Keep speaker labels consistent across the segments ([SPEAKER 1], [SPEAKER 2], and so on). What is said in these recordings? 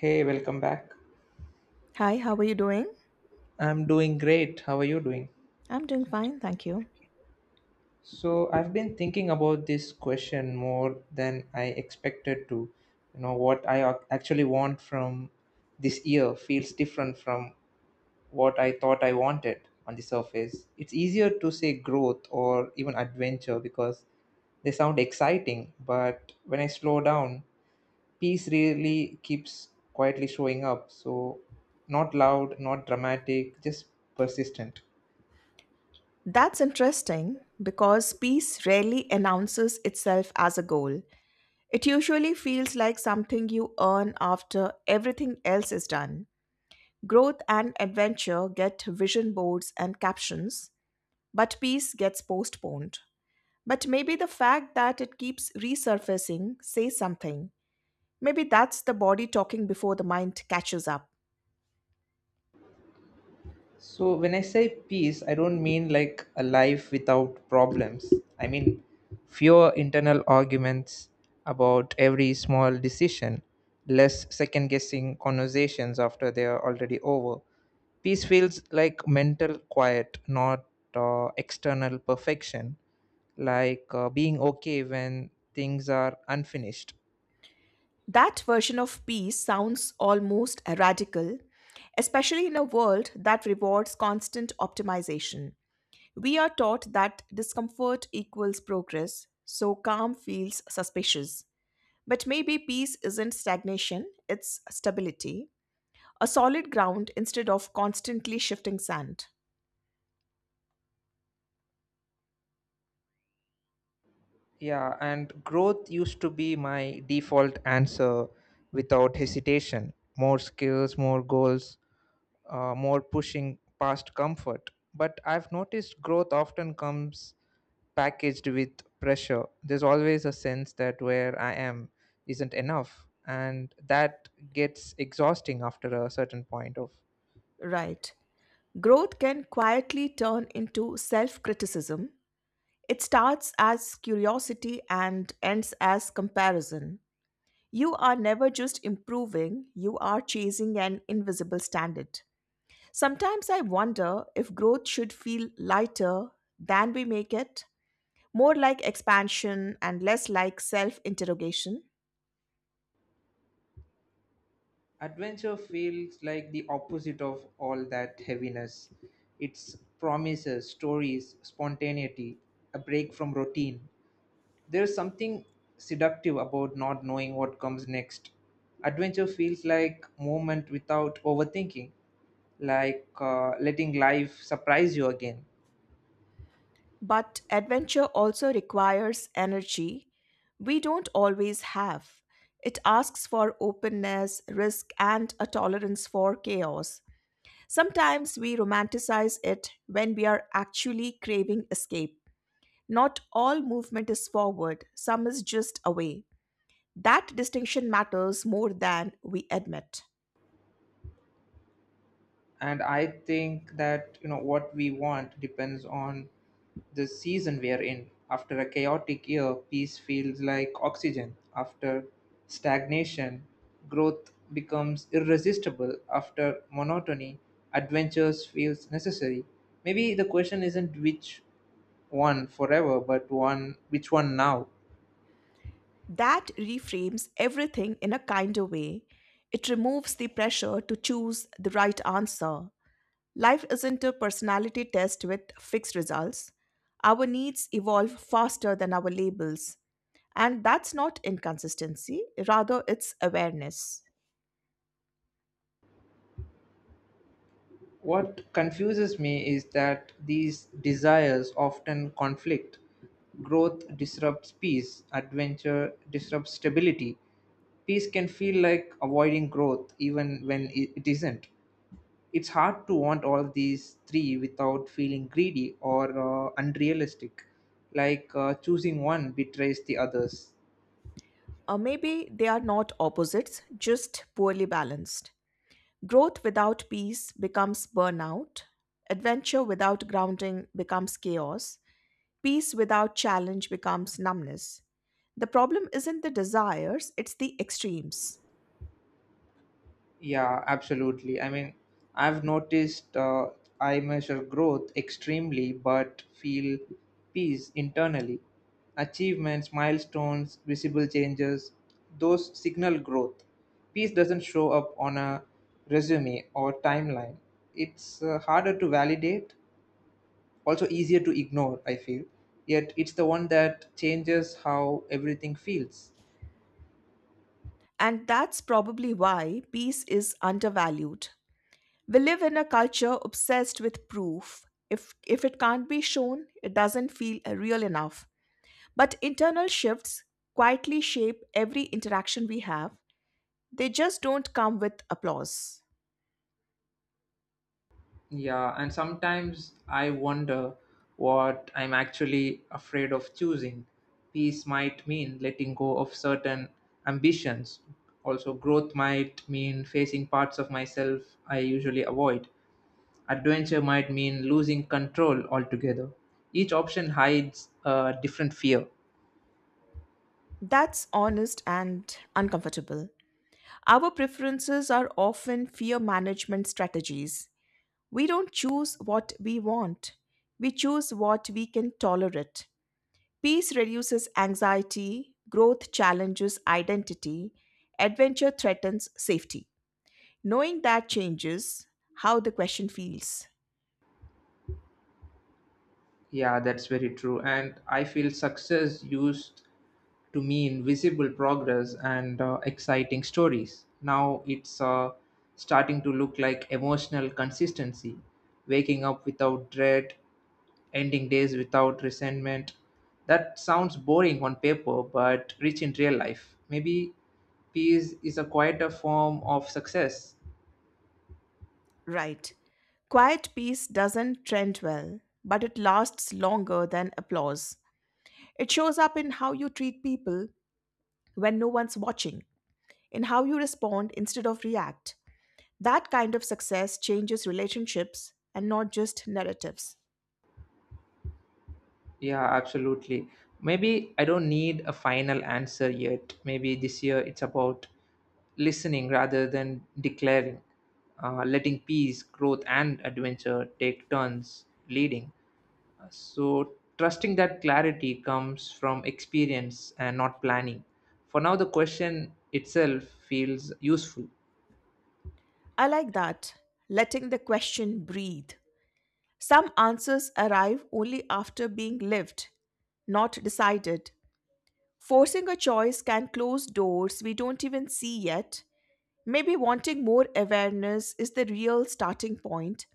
[SPEAKER 1] Hey, welcome back.
[SPEAKER 2] Hi, how are you doing?
[SPEAKER 1] I'm doing great. How are you doing?
[SPEAKER 2] I'm doing fine, thank you.
[SPEAKER 1] So, I've been thinking about this question more than I expected to. You know, what I actually want from this year feels different from what I thought I wanted on the surface. It's easier to say growth or even adventure because they sound exciting, but when I slow down, peace really keeps quietly showing up. So, not loud, not dramatic, just persistent.
[SPEAKER 2] That's interesting because peace rarely announces itself as a goal. It usually feels like something you earn after everything else is done. Growth and adventure get vision boards and captions, but peace gets postponed. But maybe the fact that it keeps resurfacing says something. Maybe that's the body talking before the mind catches up.
[SPEAKER 1] So when I say peace, I don't mean like a life without problems. I mean fewer internal arguments about every small decision, less second guessing conversations after they are already over. Peace feels like mental quiet, not external perfection, like being okay when things are unfinished.
[SPEAKER 2] That version of peace sounds almost radical, especially in a world that rewards constant optimization. We are taught that discomfort equals progress, so calm feels suspicious. But maybe peace isn't stagnation, it's stability, a solid ground instead of constantly shifting sand.
[SPEAKER 1] Yeah, and growth used to be my default answer without hesitation. More skills, more goals, more pushing past comfort. But I've noticed growth often comes packaged with pressure. There's always a sense that where I am isn't enough, and that gets exhausting after a certain point of.
[SPEAKER 2] Right. Growth can quietly turn into self criticism. It starts as curiosity and ends as comparison. You are never just improving, you are chasing an invisible standard. Sometimes I wonder if growth should feel lighter than we make it, more like expansion and less like self interrogation.
[SPEAKER 1] Adventure feels like the opposite of all that heaviness. It's promises, stories, spontaneity, a break from routine. There's something seductive about not knowing what comes next. Adventure feels like movement without overthinking, like letting life surprise you again.
[SPEAKER 2] But adventure also requires energy we don't always have. It asks for openness, risk, and a tolerance for chaos. Sometimes we romanticize it when we are actually craving escape. Not all movement is forward, some is just away. That distinction matters more than we admit.
[SPEAKER 1] And I think that, you know, what we want depends on the season we are in. After a chaotic year, peace feels like oxygen. After stagnation, growth becomes irresistible. After monotony, adventures feels necessary. Maybe the question isn't which one forever, but one which one now.
[SPEAKER 2] That reframes everything in a kinder way. It removes the pressure to choose the right answer. Life isn't a personality test with fixed results. Our needs evolve faster than our labels. And that's not inconsistency, rather, it's awareness.
[SPEAKER 1] What confuses me is that these desires often conflict. Growth disrupts peace, adventure disrupts stability. Peace can feel like avoiding growth even when it isn't. It's hard to want all these three without feeling greedy or unrealistic, like choosing one betrays the others.
[SPEAKER 2] Or maybe they are not opposites, just poorly balanced. Growth without peace becomes burnout. Adventure without grounding becomes chaos. Peace without challenge becomes numbness. The problem isn't the desires, it's the extremes.
[SPEAKER 1] Yeah, absolutely. I mean, I've noticed uh, I measure growth extremely but feel peace internally. Achievements, milestones, visible changes, those signal growth. Peace doesn't show up on a resume or timeline. It's harder to validate, also easier to ignore, I feel. Yet it's the one that changes how everything feels.
[SPEAKER 2] And that's probably why peace is undervalued. We live in a culture obsessed with proof. If it can't be shown, it doesn't feel real enough. But internal shifts quietly shape every interaction we have. They just don't come with applause.
[SPEAKER 1] Yeah, and sometimes I wonder what I'm actually afraid of choosing. Peace might mean letting go of certain ambitions. Also, growth might mean facing parts of myself I usually avoid. Adventure might mean losing control altogether. Each option hides a different fear.
[SPEAKER 2] That's honest and uncomfortable. Our preferences are often fear management strategies. We don't choose what we want, we choose what we can tolerate. Peace reduces anxiety, growth challenges identity, adventure threatens safety. Knowing that changes how the question feels.
[SPEAKER 1] Yeah, that's very true. And I feel success used to mean visible progress and exciting stories. Now it's starting to look like emotional consistency, waking up without dread, ending days without resentment. That sounds boring on paper, but rich in real life. Maybe peace is a quieter form of success.
[SPEAKER 2] Right. Quiet peace doesn't trend well, but it lasts longer than applause. It shows up in how you treat people when no one's watching, in how you respond instead of react. That kind of success changes relationships and not just narratives.
[SPEAKER 1] Yeah, absolutely. Maybe I don't need a final answer yet. Maybe this year it's about listening rather than declaring, letting peace, growth, and adventure take turns leading. So, trusting that clarity comes from experience and not planning. For now, the question itself feels useful.
[SPEAKER 2] I like that, letting the question breathe. Some answers arrive only after being lived, not decided. Forcing a choice can close doors we don't even see yet. Maybe wanting more awareness is the real starting point.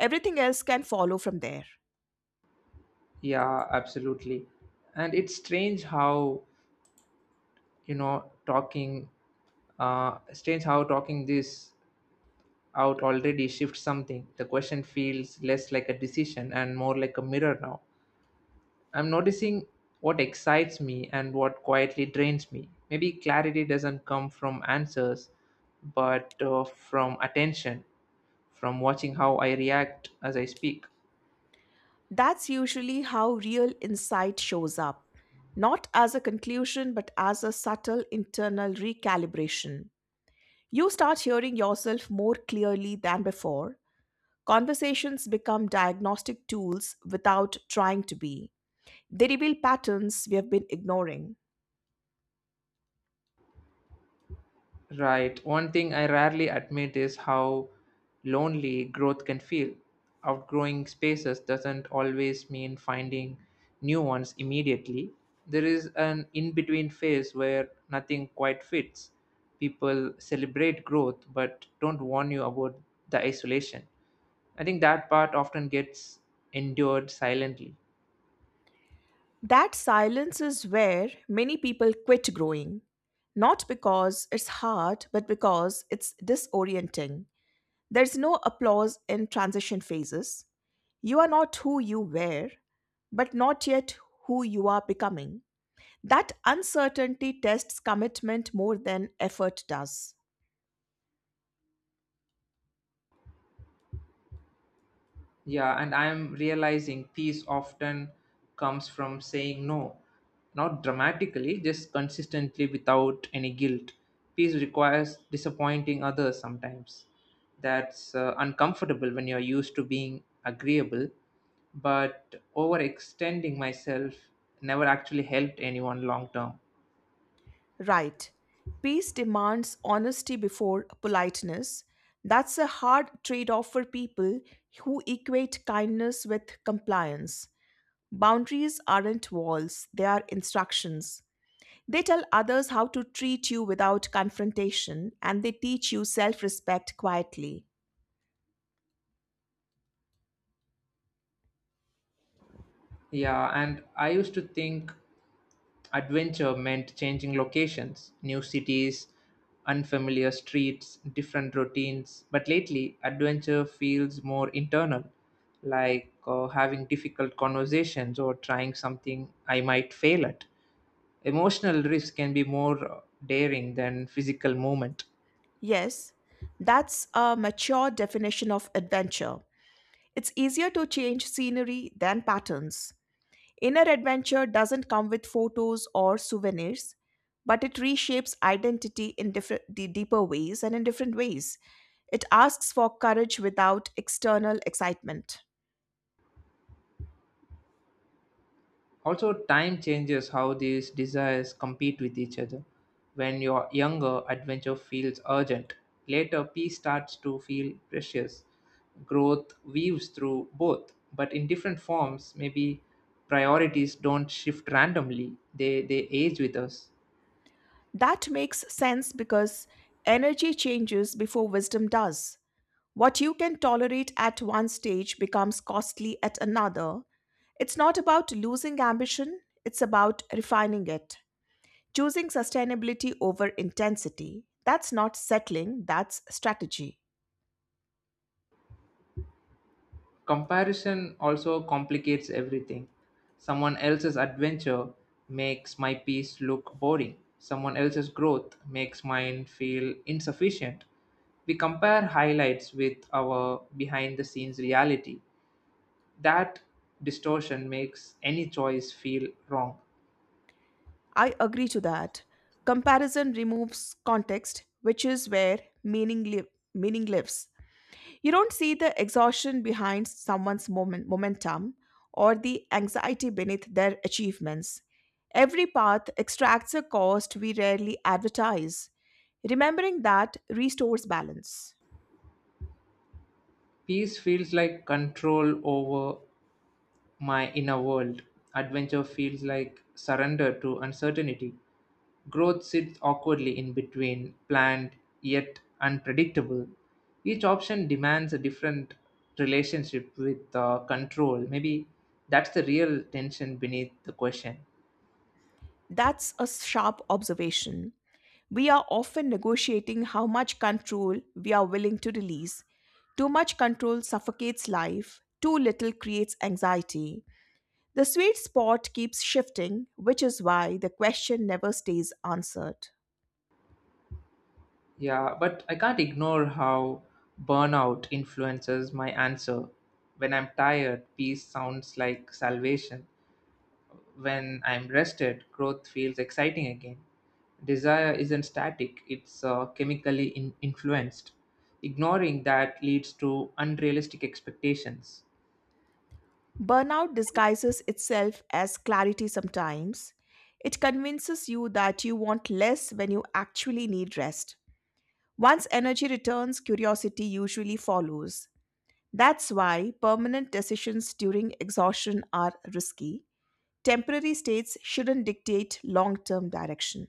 [SPEAKER 2] Everything else can follow from there.
[SPEAKER 1] Yeah, absolutely. And it's strange how, you know, talking, strange how talking this out already shifts something. The question feels less like a decision and more like a mirror now. I'm noticing what excites me and what quietly drains me. Maybe clarity doesn't come from answers, but from attention, from watching how I react as I speak.
[SPEAKER 2] That's usually how real insight shows up, not as a conclusion, but as a subtle internal recalibration. You start hearing yourself more clearly than before. Conversations become diagnostic tools without trying to be. They reveal patterns we have been ignoring.
[SPEAKER 1] Right. One thing I rarely admit is how lonely growth can feel. Outgrowing spaces doesn't always mean finding new ones immediately. There is an in between phase where nothing quite fits. People celebrate growth but don't warn you about the isolation. I think that part often gets endured silently.
[SPEAKER 2] That silence is where many people quit growing, not because it's hard, but because it's disorienting. There's no applause in transition phases. You are not who you were, but not yet who you are becoming. That uncertainty tests commitment more than effort does.
[SPEAKER 1] Yeah, and I'm realizing peace often comes from saying no. Not dramatically, just consistently without any guilt. Peace requires disappointing others sometimes. That's uncomfortable when you're used to being agreeable, but overextending myself never actually helped anyone long term.
[SPEAKER 2] Right. Peace demands honesty before politeness. That's a hard trade off for people who equate kindness with compliance. Boundaries aren't walls, they are instructions. They tell others how to treat you without confrontation and they teach you self respect quietly.
[SPEAKER 1] Yeah, and I used to think adventure meant changing locations, new cities, unfamiliar streets, different routines. But lately, adventure feels more internal, like having difficult conversations or trying something I might fail at. Emotional risk can be more daring than physical movement.
[SPEAKER 2] Yes, that's a mature definition of adventure. It's easier to change scenery than patterns. Inner adventure doesn't come with photos or souvenirs, but it reshapes identity in deeper ways and in different ways. It asks for courage without external excitement.
[SPEAKER 1] Also, time changes how these desires compete with each other. When you're younger, adventure feels urgent. Later, peace starts to feel precious. Growth weaves through both, but in different forms. Maybe priorities don't shift randomly, they age with us.
[SPEAKER 2] That makes sense because energy changes before wisdom does. What you can tolerate at one stage becomes costly at another. It's not about losing ambition, it's about refining it. Choosing sustainability over intensity. That's not settling, that's strategy.
[SPEAKER 1] Comparison also complicates everything. Someone else's adventure makes my peace look boring. Someone else's growth makes mine feel insufficient. We compare highlights with our behind the scenes reality. That distortion makes any choice feel wrong.
[SPEAKER 2] I agree to that. Comparison removes context, which is where meaning lives. You don't see the exhaustion behind someone's moment, momentum or the anxiety beneath their achievements. Every path extracts a cost we rarely advertise. Remembering that restores balance.
[SPEAKER 1] Peace feels like control over my inner world. Adventure feels like surrender to uncertainty. Growth sits awkwardly in between, planned yet unpredictable. Each option demands a different relationship with control. Maybe that's the real tension beneath the question.
[SPEAKER 2] That's a sharp observation. We are often negotiating how much control we are willing to release. Too much control suffocates life, too little creates anxiety. The sweet spot keeps shifting, which is why the question never stays answered.
[SPEAKER 1] Yeah, but I can't ignore how burnout influences my answer. When I'm tired, peace sounds like salvation. When I'm rested, growth feels exciting again. Desire isn't static, it's chemically influenced. Ignoring that leads to unrealistic expectations.
[SPEAKER 2] Burnout disguises itself as clarity sometimes. It convinces you that you want less when you actually need rest. Once energy returns, curiosity usually follows. That's why permanent decisions during exhaustion are risky. Temporary states shouldn't dictate long term direction.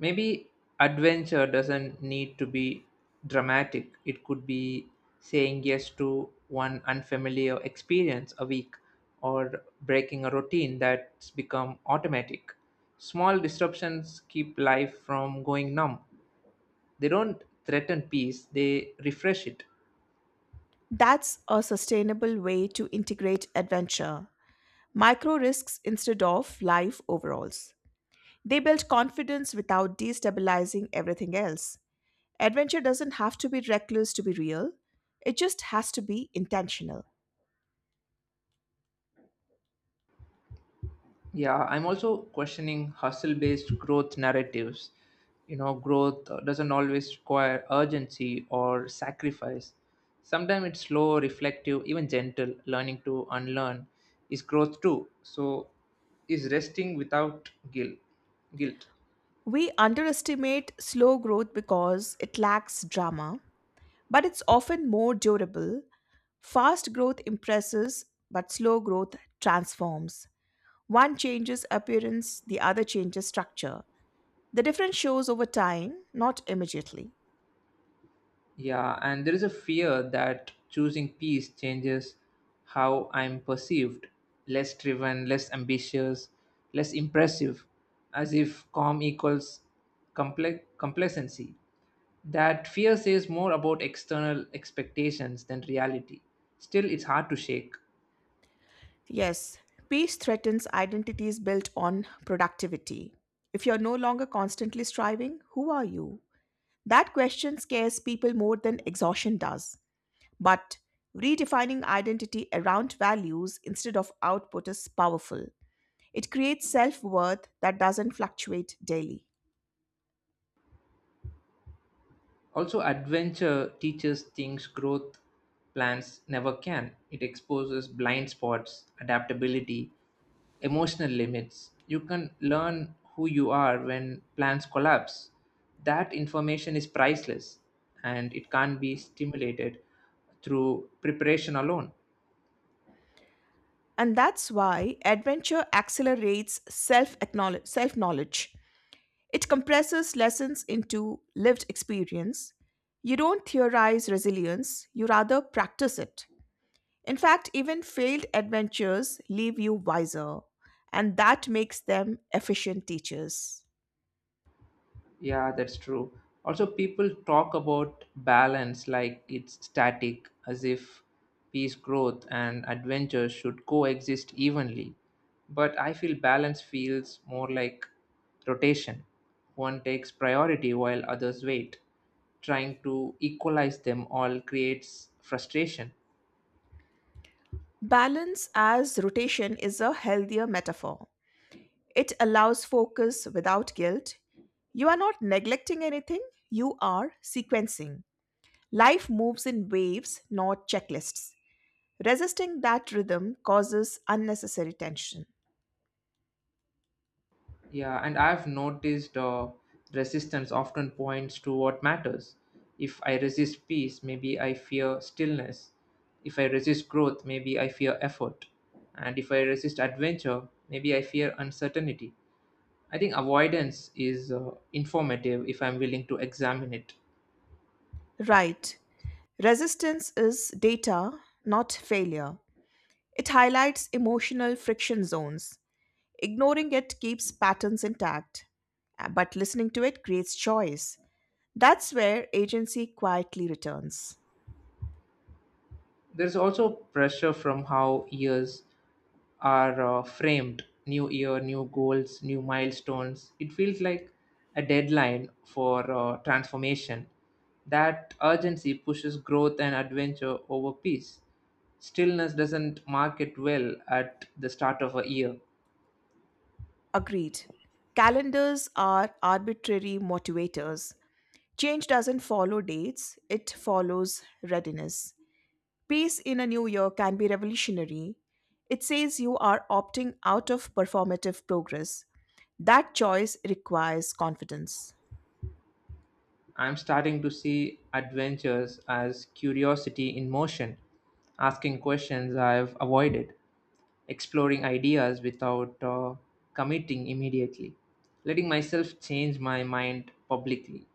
[SPEAKER 1] Maybe adventure doesn't need to be dramatic, it could be saying yes to one unfamiliar experience a week or breaking a routine that's become automatic. Small disruptions keep life from going numb. They don't threaten peace, they refresh it.
[SPEAKER 2] That's a sustainable way to integrate adventure, micro risks instead of life overalls. They build confidence without destabilizing everything else. Adventure doesn't have to be reckless to be real, it just has to be intentional.
[SPEAKER 1] Yeah, I'm also questioning hustle based growth narratives. You know, growth doesn't always require urgency or sacrifice. Sometimes it's slow, reflective, even gentle. Learning to unlearn is growth too, so is resting without guilt.
[SPEAKER 2] We underestimate slow growth because it lacks drama, but it's often more durable. Fast growth impresses, but slow growth transforms. One changes appearance, the other changes structure. The difference shows over time, not immediately.
[SPEAKER 1] Yeah, and there is a fear that choosing peace changes how I'm perceived, less driven, less ambitious, less impressive, as if calm equals complacency. That fear says more about external expectations than reality. Still, it's hard to shake.
[SPEAKER 2] Yes, peace threatens identities built on productivity. If you're no longer constantly striving, who are you? That question scares people more than exhaustion does. But redefining identity around values instead of output is powerful. It creates self worth that doesn't fluctuate daily.
[SPEAKER 1] Also, adventure teaches things growth plans never can. It exposes blind spots, adaptability, emotional limits. You can learn who you are when plans collapse. That information is priceless and it can't be stimulated through preparation alone.
[SPEAKER 2] And that's why adventure accelerates self knowledge. It compresses lessons into lived experience. You don't theorize resilience, you rather practice it. In fact, even failed adventures leave you wiser, and that makes them efficient teachers.
[SPEAKER 1] Yeah, that's true. Also, people talk about balance like it's static, as if peace, growth, and adventure should coexist evenly. But I feel balance feels more like rotation. One takes priority while others wait. Trying to equalize them all creates frustration.
[SPEAKER 2] Balance as rotation is a healthier metaphor. It allows focus without guilt. You are not neglecting anything, you are sequencing. Life moves in waves, not checklists. Resisting that rhythm causes unnecessary tension.
[SPEAKER 1] Yeah, and I've noticed resistance often points to what matters. If I resist peace, maybe I fear stillness. If I resist growth, maybe I fear effort. And if I resist adventure, maybe I fear uncertainty. I think avoidance is informative if I'm willing to examine it.
[SPEAKER 2] Right. Resistance is data, not failure. It highlights emotional friction zones. Ignoring it keeps patterns intact, but listening to it creates choice. That's where agency quietly returns.
[SPEAKER 1] There's also pressure from how years are framed. New year, new goals, new milestones. It feels like a deadline for transformation. That urgency pushes growth and adventure over peace. Stillness doesn't market well at the start of a year.
[SPEAKER 2] Agreed. Calendars are arbitrary motivators. Change doesn't follow dates, it follows readiness. Peace in a new year can be revolutionary. It says you are opting out of performative progress. That choice requires confidence.
[SPEAKER 1] I'm starting to see adventures as curiosity in motion, asking questions I've avoided, exploring ideas without committing immediately, letting myself change my mind publicly.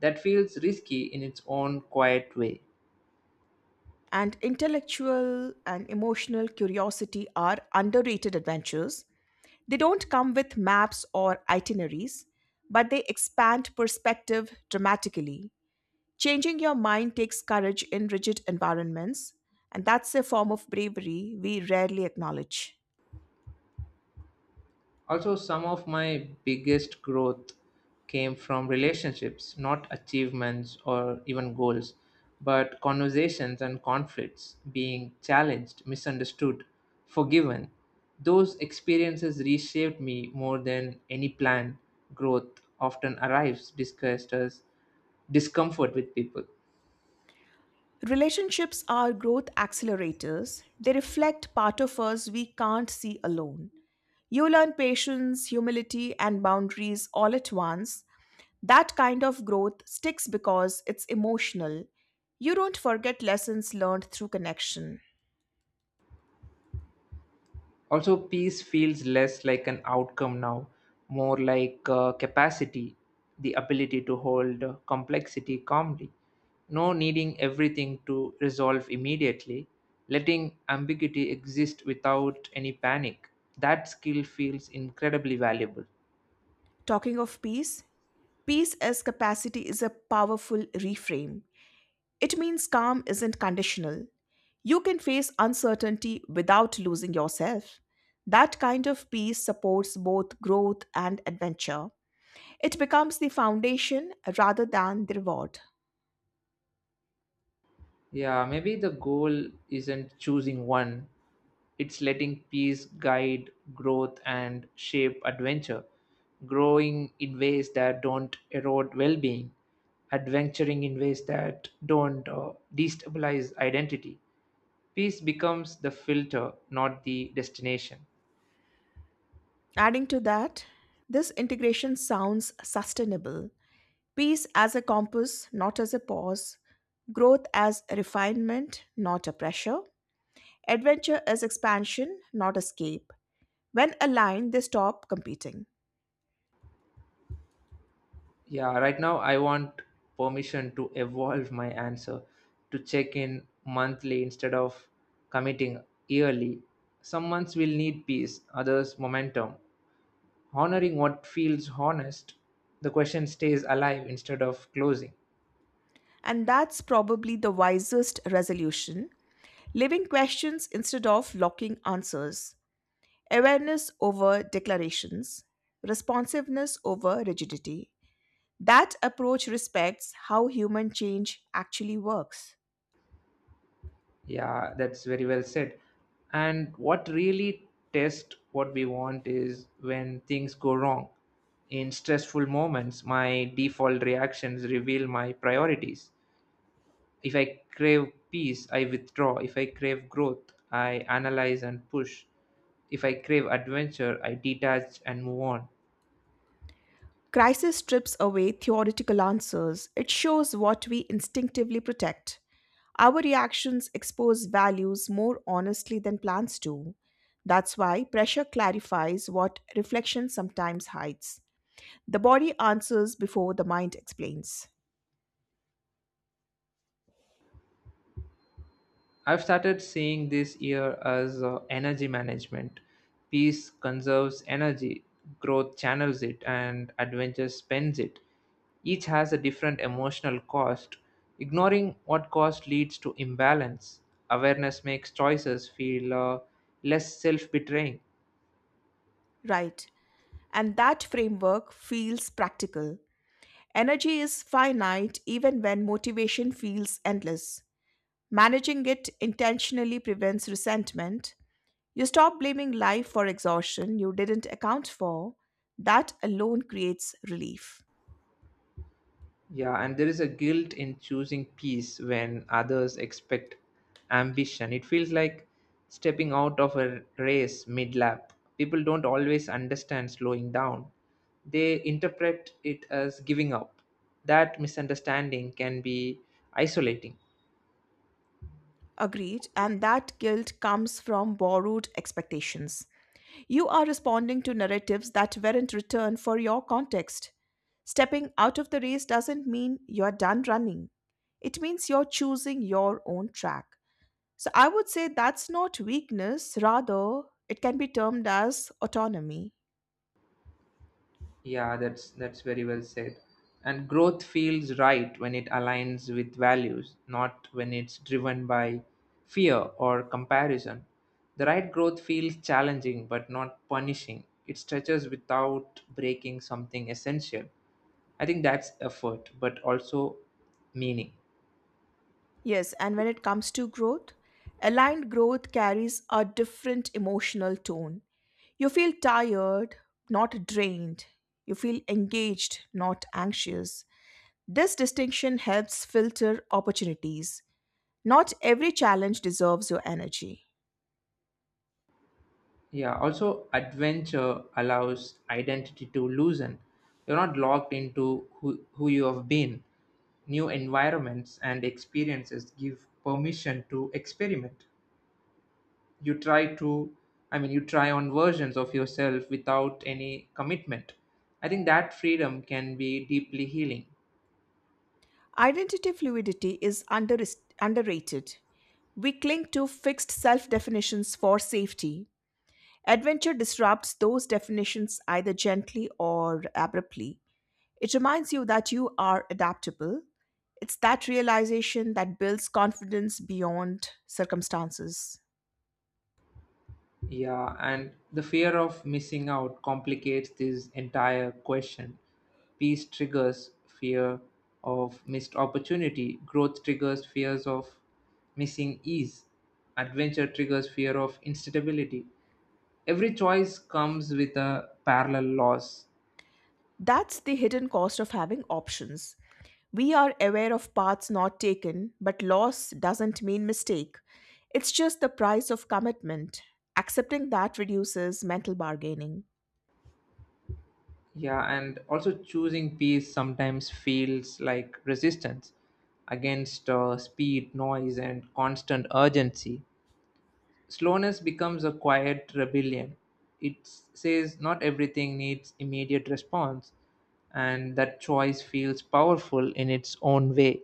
[SPEAKER 1] That feels risky in its own quiet way.
[SPEAKER 2] And intellectual and emotional curiosity are underrated adventures. They don't come with maps or itineraries, but they expand perspective dramatically. Changing your mind takes courage in rigid environments, and that's a form of bravery we rarely acknowledge.
[SPEAKER 1] Also, some of my biggest growth came from relationships, not achievements or even goals, but conversations and conflicts, being challenged, misunderstood, forgiven. Those experiences reshaped me more than any plan. Growth often arrives discussed as discomfort with people.
[SPEAKER 2] Relationships are growth accelerators, they reflect part of us we can't see alone. You learn patience, humility, and boundaries all at once. That kind of growth sticks because it's emotional. You don't forget lessons learned through connection.
[SPEAKER 1] Also, peace feels less like an outcome now, more like capacity, the ability to hold complexity calmly. No needing everything to resolve immediately, letting ambiguity exist without any panic. That skill feels incredibly valuable.
[SPEAKER 2] Talking of peace, peace as capacity is a powerful reframe. It means calm isn't conditional. You can face uncertainty without losing yourself. That kind of peace supports both growth and adventure. It becomes the foundation rather than the reward.
[SPEAKER 1] Yeah, maybe the goal isn't choosing one, it's letting peace guide growth and shape adventure, growing in ways that don't erode well being, adventuring in ways that don't destabilize identity. Peace becomes the filter, not the destination.
[SPEAKER 2] Adding to that, this integration sounds sustainable. Peace as a compass, not as a pause. Growth as refinement, not a pressure. Adventure as expansion, not escape. When aligned, they stop competing.
[SPEAKER 1] Yeah, right now I want permission to evolve my answer, to check in monthly instead of committing yearly. Some months will need peace, others momentum. Honoring what feels honest, the question stays alive instead of closing.
[SPEAKER 2] And that's probably the wisest resolution, living questions instead of locking answers, awareness over declarations, responsiveness over rigidity. That approach respects how human change actually works.
[SPEAKER 1] Yeah, that's very well said. And what really tests what we want is when things go wrong. In stressful moments, my default reactions reveal my priorities. If I crave peace, I withdraw. If I crave growth, I analyze and push. If I crave adventure, I detach and move on.
[SPEAKER 2] Crisis strips away theoretical answers, it shows what we instinctively protect. Our reactions expose values more honestly than plans do. That's why pressure clarifies what reflection sometimes hides. The body answers before the mind explains.
[SPEAKER 1] I've started seeing this year as energy management. Peace conserves energy, growth channels it, and adventure spends it. Each has a different emotional cost. Ignoring what cost leads to imbalance. Awareness makes choices feel less self betraying.
[SPEAKER 2] Right. And that framework feels practical. Energy is finite even when motivation feels endless. Managing it intentionally prevents resentment. You stop blaming life for exhaustion you didn't account for. That alone creates relief.
[SPEAKER 1] Yeah, and there is a guilt in choosing peace when others expect ambition. It feels like stepping out of a race mid lap. People don't always understand slowing down, they interpret it as giving up. That misunderstanding can be isolating.
[SPEAKER 2] Agreed. And that guilt comes from borrowed expectations. You are responding to narratives that weren't returned for your context. Stepping out of the race doesn't mean you're done running, it means you're choosing your own track. So I would say that's not weakness, rather, it can be termed as autonomy.
[SPEAKER 1] Yeah, that's very well said. And growth feels right when it aligns with values, not when it's driven by fear or comparison. The right growth feels challenging but not punishing. It stretches without breaking something essential. I think that's effort, but also meaning.
[SPEAKER 2] Yes, and when it comes to growth, aligned growth carries a different emotional tone. You feel tired, not drained. You feel engaged, not anxious. This distinction helps filter opportunities. Not every challenge deserves your energy.
[SPEAKER 1] Yeah, also adventure allows identity to loosen. You're not locked into who you have been. New environments and experiences give permission to experiment. You try to, I mean, You try on versions of yourself without any commitment. I think that freedom can be deeply healing.
[SPEAKER 2] Identity fluidity is underrated. We cling to fixed self definitions for safety. Adventure disrupts those definitions either gently or abruptly. It reminds you that you are adaptable. It's that realization that builds confidence beyond circumstances.
[SPEAKER 1] Yeah, and the fear of missing out complicates this entire question. Peace triggers fear of missed opportunity, growth triggers fears of missing ease, adventure triggers fear of instability. Every choice comes with a parallel loss.
[SPEAKER 2] That's the hidden cost of having options. We are aware of paths not taken, but loss doesn't mean mistake. It's just the price of commitment. Accepting that reduces mental bargaining.
[SPEAKER 1] Yeah, and also choosing peace sometimes feels like resistance against speed, noise, and constant urgency. Slowness becomes a quiet rebellion. It says not everything needs immediate response, and that choice feels powerful in its own way.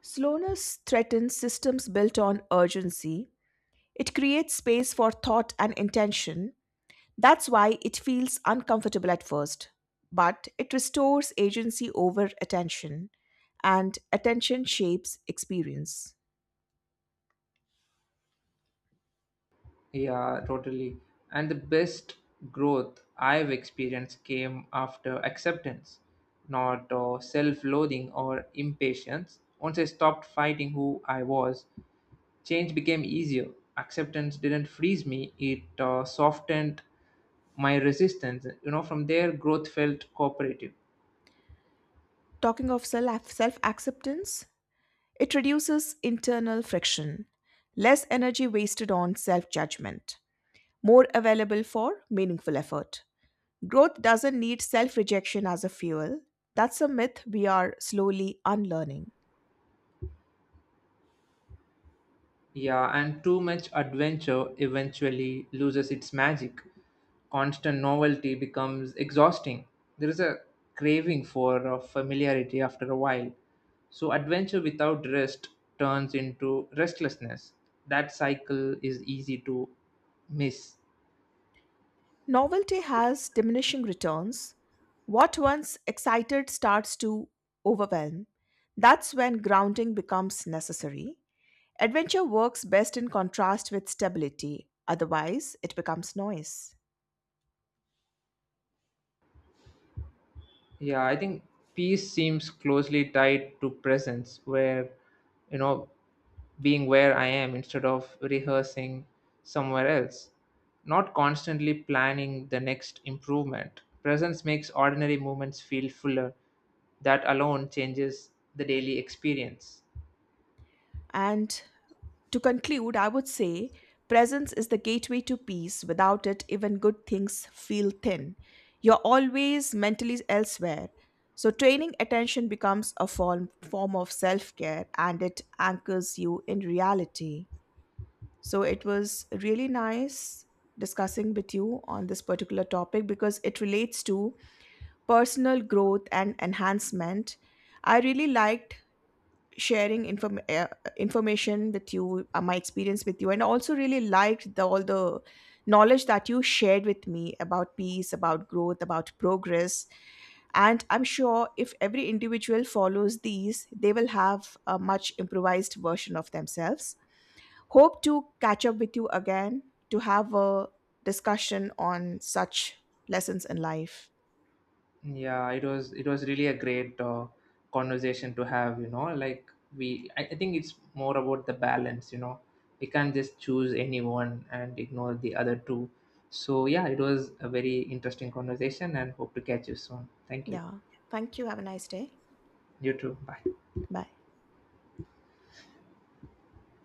[SPEAKER 2] Slowness threatens systems built on urgency. It creates space for thought and intention. That's why it feels uncomfortable at first. But it restores agency over attention, and attention shapes experience.
[SPEAKER 1] Yeah, totally. And the best growth I've experienced came after acceptance, not self loathing or impatience. Once I stopped fighting who I was, change became easier. Acceptance didn't freeze me, it softened my resistance. You know, from there growth felt cooperative.
[SPEAKER 2] Talking of self acceptance, it reduces internal friction, less energy wasted on self judgment, more available for meaningful effort. Growth doesn't need self rejection as a fuel. That's a myth we are slowly unlearning.
[SPEAKER 1] Yeah, and too much adventure eventually loses its magic. Constant novelty becomes exhausting. There is a craving for familiarity after a while, so adventure without rest turns into restlessness. That cycle is easy to miss.
[SPEAKER 2] Novelty has diminishing returns. What once excited starts to overwhelm. That's when grounding becomes necessary. Adventure works best in contrast with stability, otherwise, it becomes noise.
[SPEAKER 1] Yeah, I think peace seems closely tied to presence, where, you know, being where I am instead of rehearsing somewhere else, not constantly planning the next improvement. Presence makes ordinary moments feel fuller. That alone changes the daily experience.
[SPEAKER 2] And to conclude, I would say presence is the gateway to peace. Without it, even good things feel thin. You're always mentally elsewhere. So, training attention becomes a form of self care and it anchors you in reality. So, it was really nice discussing with you on this particular topic because it relates to personal growth and enhancement. I really liked sharing information with you, my experience with you, and also really liked all the knowledge that you shared with me about peace, about growth, about progress. And I'm sure if every individual follows these, they will have a much improvised version of themselves. Hope to catch up with you again to have a discussion on such lessons in life.
[SPEAKER 1] Yeah, it was really a great conversation to have. You know, like I think it's more about the balance. You know, we can't just choose any one and ignore the other two. So yeah, it was a very interesting conversation, and hope to catch you soon. Thank you.
[SPEAKER 2] Yeah. Thank you. Have a nice day.
[SPEAKER 1] You too. Bye.
[SPEAKER 2] Bye.